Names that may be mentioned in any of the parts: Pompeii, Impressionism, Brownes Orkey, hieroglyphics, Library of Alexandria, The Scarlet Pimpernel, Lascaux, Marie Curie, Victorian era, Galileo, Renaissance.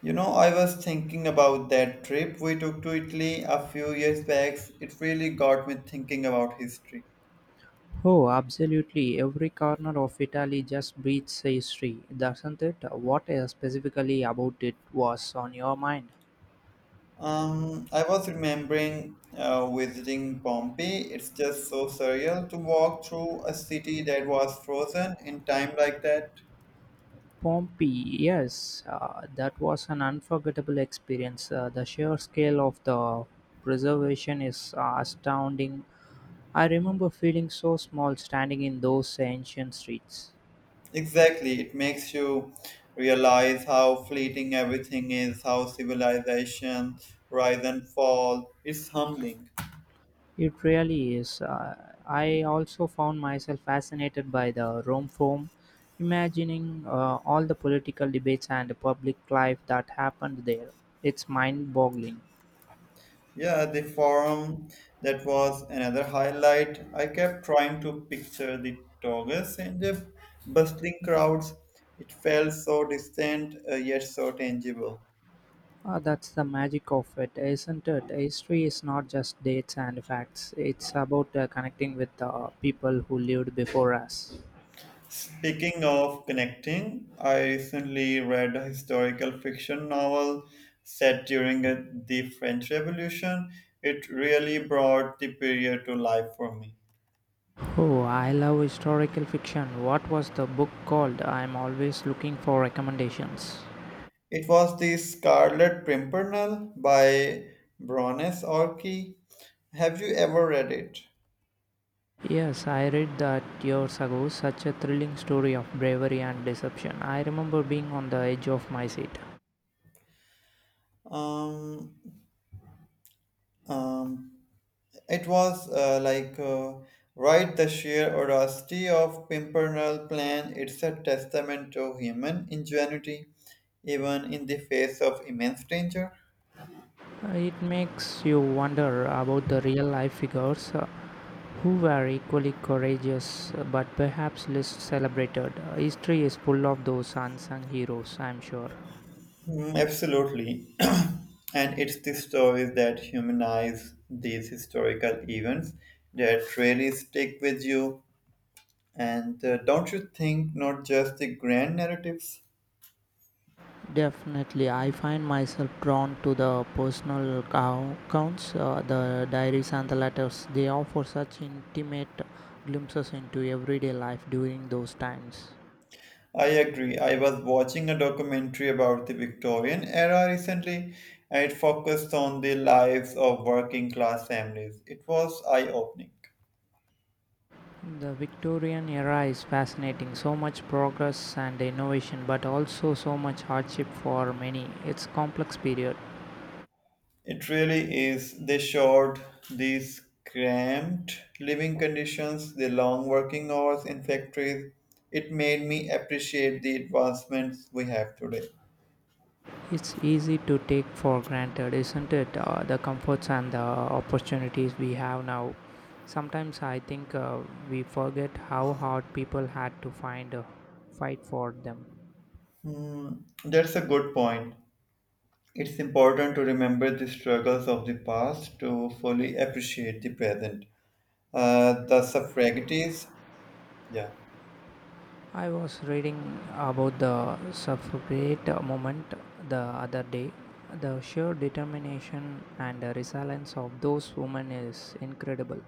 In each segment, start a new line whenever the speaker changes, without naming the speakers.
You know, I was thinking about that trip we took to Italy a few years back. It really got me thinking about history.
Oh, absolutely. Every corner of Italy just breathes history, doesn't it? What specifically about it was on your mind?
I was remembering visiting Pompeii. It's just so surreal to walk through a city that was frozen in time like that.
Pompeii, yes, that was an unforgettable experience. The sheer scale of the preservation is astounding. I remember feeling so small standing in those ancient streets.
Exactly, it makes you realize how fleeting everything is, how civilization rise and fall. It's humbling.
It really is. I also found myself fascinated by the Rome Forum, imagining all the political debates and the public life that happened there. It's mind boggling.
Yeah, the forum, that was another highlight. I kept trying to picture the togas and the bustling crowds. It felt so distant yet so tangible.
That's the magic of it, isn't it? History is not just dates and facts, it's about connecting with the people who lived before us.
Speaking of connecting, I recently read a historical fiction novel set during the French Revolution. It really brought the period to life for me.
Oh, I love historical fiction. What was the book called? I'm always looking for recommendations.
It was The Scarlet Pimpernel by Brownes Orkey. Have you ever read it?
Yes, I read that years ago, such a thrilling story of bravery and deception. I remember being on the edge of my seat.
Um, um, it was like Right, the sheer audacity of Pimpernel plan. It's a testament to human ingenuity, even in the face of immense danger.
It makes you wonder about the real life figures who were equally courageous but perhaps less celebrated. History is full of those unsung heroes, I'm sure.
Mm, absolutely. And it's the stories that humanize these historical events that really stick with you. And don't you think, not just the grand narratives?
Definitely, I find myself drawn to the personal accounts, the diaries, and the letters. They offer such intimate glimpses into everyday life during those times.
I agree. I was watching a documentary about the Victorian era recently, and it focused on the lives of working class families. It was eye opening.
The Victorian era is fascinating. So much progress and innovation, but also so much hardship for many. It's complex period.
It really is. They showed these cramped living conditions, the long working hours in factories. It made me appreciate the advancements we have today.
It's easy to take for granted, isn't it? The comforts and the opportunities we have now. Sometimes I think we forget how hard people had to find a fight for them.
Hmm, that's a good point. It's important to remember the struggles of the past to fully appreciate the present. The suffragettes, yeah.
I was reading about the suffragette movement the other day. The sheer determination and resilience of those women is incredible.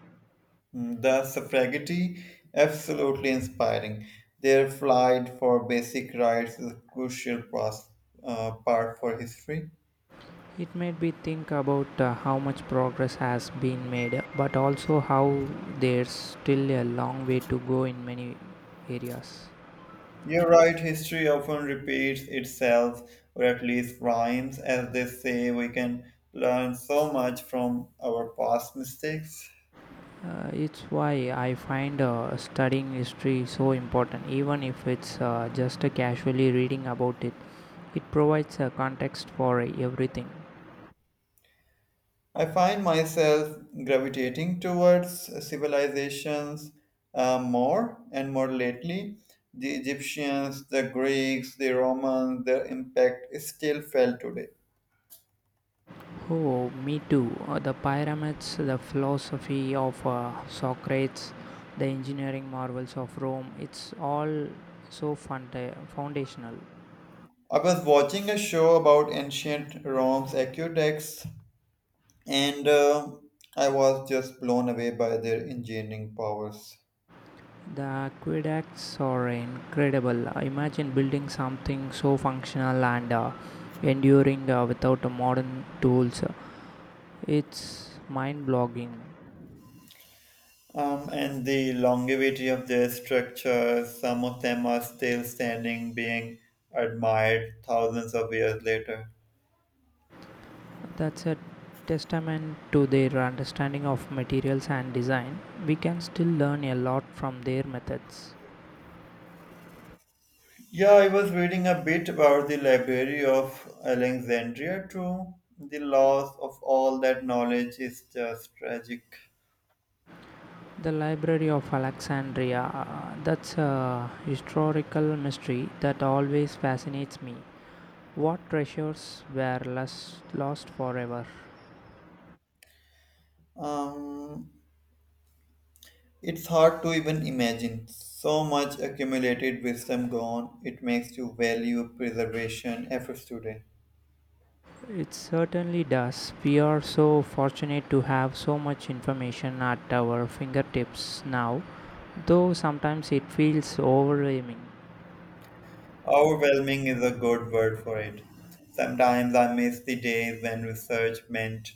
Mm, the suffragette, absolutely inspiring. Their fight for basic rights is a crucial part for history.
It made me think about how much progress has been made, but also how there's still a long way to go in many areas.
You're right, history often repeats itself, or at least rhymes, as they say. We can learn so much from our past mistakes.
It's why I find studying history so important, even if it's just casually reading about it. It provides a context for everything.
I find myself gravitating towards civilizations more and more lately. The Egyptians, the Greeks, the Romans, their impact is still felt today.
Oh, me too. The pyramids, the philosophy of Socrates, the engineering marvels of Rome, it's all so foundational.
I was watching a show about ancient Rome's aqueducts, and I was just blown away by their engineering powers.
The aqueducts are incredible. Imagine building something so functional and enduring without modern tools. It's mind blogging.
And the longevity of their structures, some of them are still standing, being admired thousands of years later.
That's a testament to their understanding of materials and design. We can still learn a lot from their methods.
Yeah, I was reading a bit about the Library of Alexandria too. The loss of all that knowledge is just tragic.
The Library of Alexandria. That's a historical mystery that always fascinates me. What treasures were lost forever?
Um, it's hard to even imagine. So much accumulated wisdom gone, it makes you value preservation efforts today.
It certainly does. We are so fortunate to have so much information at our fingertips now, though sometimes it feels overwhelming.
Overwhelming is a good word for it. Sometimes I miss the days when research meant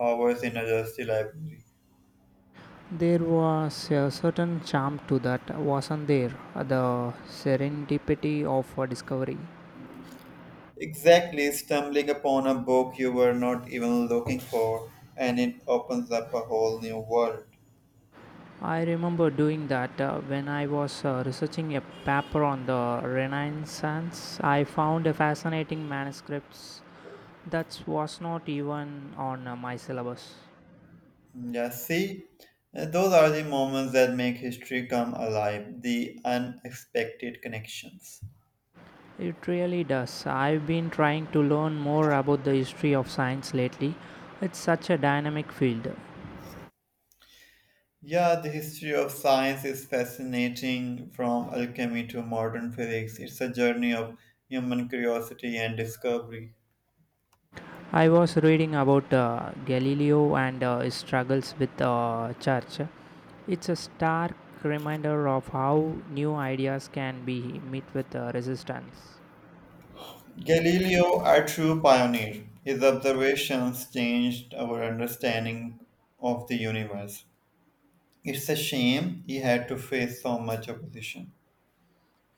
hours in a dusty library.
There was a certain charm to that, wasn't there? The serendipity of a discovery.
Exactly, stumbling upon a book you were not even looking for, and it opens up a whole new world.
I remember doing that when I was researching a paper on the Renaissance. I found a fascinating manuscripts that was not even on my syllabus.
Mm, yeah, see, those are the moments that make history come alive, the unexpected connections.
It really does. I've been trying to learn more about the history of science lately. It's such a dynamic field.
Yeah, the history of science is fascinating, from alchemy to modern physics. It's a journey of human curiosity and discovery.
I was reading about Galileo and his struggles with the church. It's a stark reminder of how new ideas can be met with resistance.
Galileo, a true pioneer, his observations changed our understanding of the universe. It's a shame he had to face so much opposition.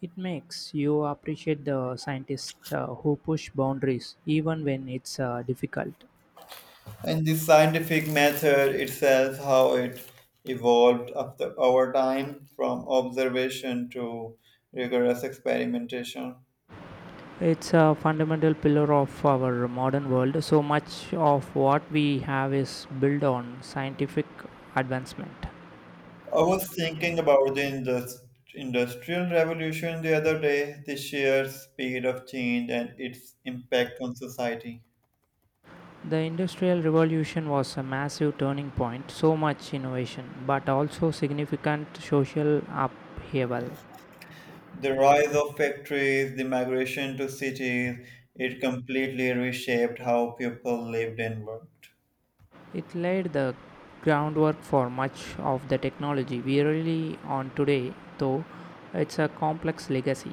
It makes you appreciate the scientists who push boundaries even when it's difficult.
And the scientific method itself, how it evolved after over time from observation to rigorous experimentation.
It's a fundamental pillar of our modern world. So much of what we have is built on scientific advancement.
I was thinking about the industrial revolution the other day, the sheer speed of change and its impact on society.
The Industrial Revolution was a massive turning point, so much innovation, but also significant social upheaval.
The rise of factories, the migration to cities, it completely reshaped how people lived and worked.
It laid the groundwork for much of the technology we rely on today, though it's a complex legacy.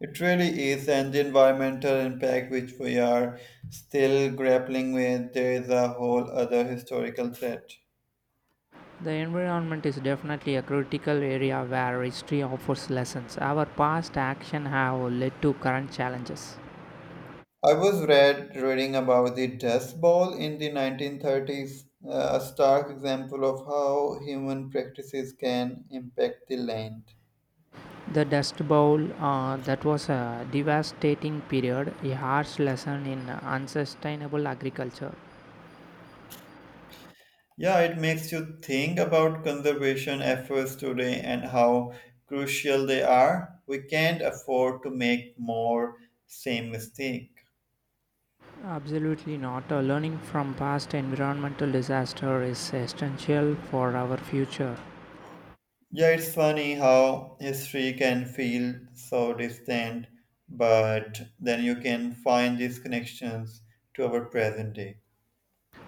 It really is, and the environmental impact which we are still grappling with, there is a whole other historical threat.
The environment is definitely a critical area where history offers lessons. Our past actions have led to current challenges.
I was reading about the Dust Bowl in the 1930s, a stark example of how human practices can impact the land.
The Dust Bowl, that was a devastating period, a harsh lesson in unsustainable agriculture.
Yeah, it makes you think about conservation efforts today, and how crucial they are. We can't afford to make more same mistake.
Absolutely not. Learning from past environmental disaster is essential for our future.
Yeah, it's funny how history can feel so distant, but then you can find these connections to our present day.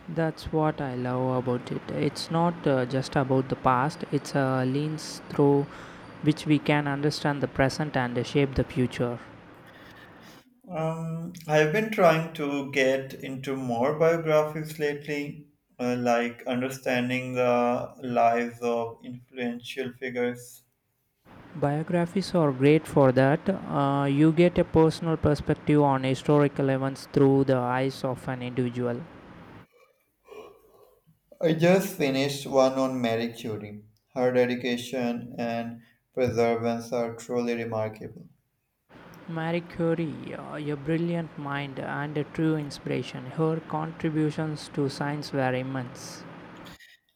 That's what I love about it. It's not just about the past, it's a lens through which we can understand the present and shape the future.
I've been trying to get into more biographies lately, like understanding the lives of influential figures.
Biographies are great for that. You get a personal perspective on historical events through the eyes of an individual.
I just finished one on Marie Curie. Her dedication and perseverance are truly remarkable.
Marie Curie, a brilliant mind and a true inspiration, her contributions to science were immense.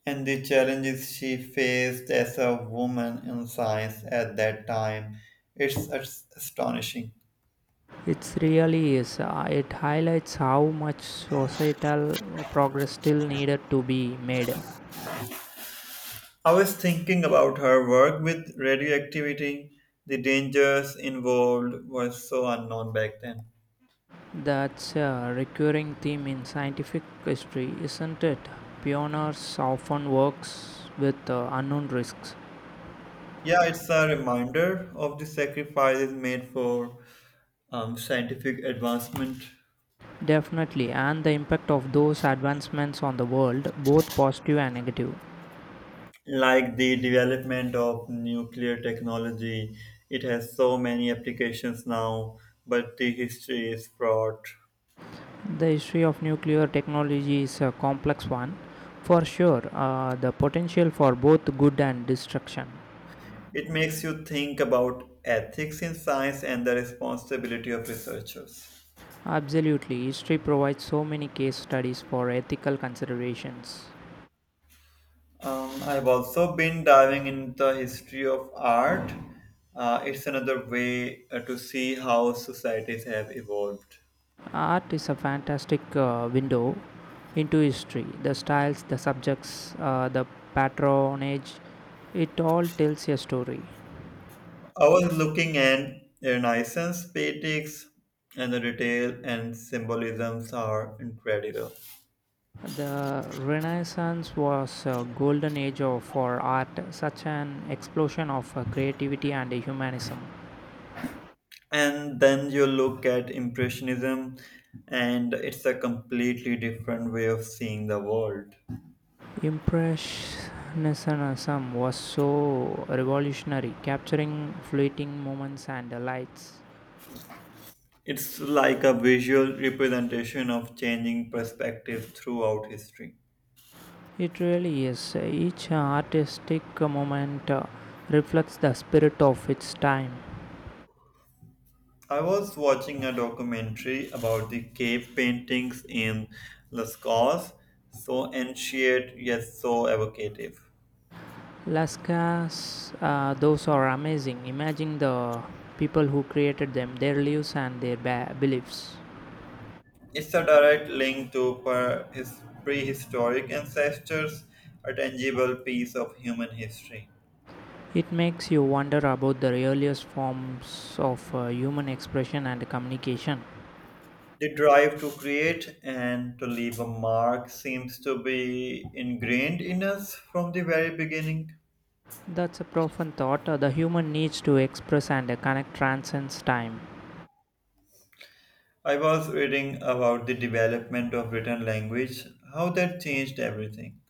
And the challenges she faced as a woman in science at that time. It's astonishing.
It really is. It highlights how much societal progress still needed to be made.
I was thinking about her work with radioactivity. The dangers involved were so unknown back then.
That's a recurring theme in scientific history, isn't it? Pioneers often works with unknown risks.
Yeah, it's a reminder of the sacrifices made for scientific advancement,
Definitely, and the impact of those advancements on the world, both positive and negative.
like the development of nuclear technology. It has so many applications now, but the history is fraught.
The history of nuclear technology is a complex one, for sure. The potential for both good and destruction.
It makes you think about ethics in science and the responsibility of researchers.
Absolutely, history provides so many case studies for ethical considerations.
I've also been diving into the history of art. It's another way to see how societies have evolved.
Art is a fantastic window into history. The styles, the subjects, the patronage, it all tells a story.
I was looking at Renaissance paintings, and the detail and symbolisms are incredible.
The Renaissance was a golden age of, for art, such an explosion of creativity and humanism.
And then you look at Impressionism, and it's a completely different way of seeing the world.
Impressionism was so revolutionary, capturing fleeting moments and lights.
It's like a visual representation of changing perspective throughout history.
It really is. Each artistic moment reflects the spirit of its time.
I was watching a documentary about the cave paintings in Lascaux, so ancient yet so evocative.
Lascas, those are amazing. Imagine the people who created them, their lives, and their beliefs.
It's a direct link to per- his prehistoric ancestors, a tangible piece of human history.
It makes you wonder about the earliest forms of human expression and communication.
The drive to create and to leave a mark seems to be ingrained in us from the very beginning.
That's a profound thought. The human needs to express and connect transcends time.
I was reading about the development of written language, how that changed everything.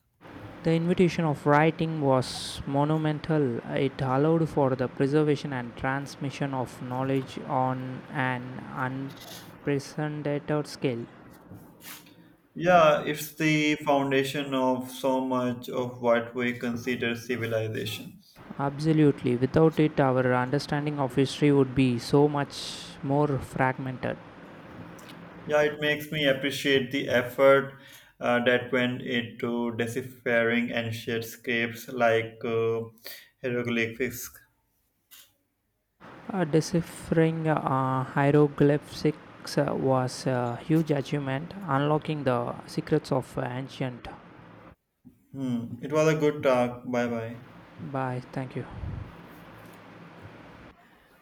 The invitation of writing was monumental. It allowed for the preservation and transmission of knowledge on an unprecedented scale.
Yeah, it's the foundation of so much of what we consider civilization.
Absolutely. Without it, our understanding of history would be so much more fragmented.
Yeah, it makes me appreciate the effort that went into deciphering ancient scripts like hieroglyphics.
Deciphering hieroglyphics was a huge achievement, unlocking the secrets of ancient.
Hmm. It was a good talk. Bye bye.
Bye. Thank you.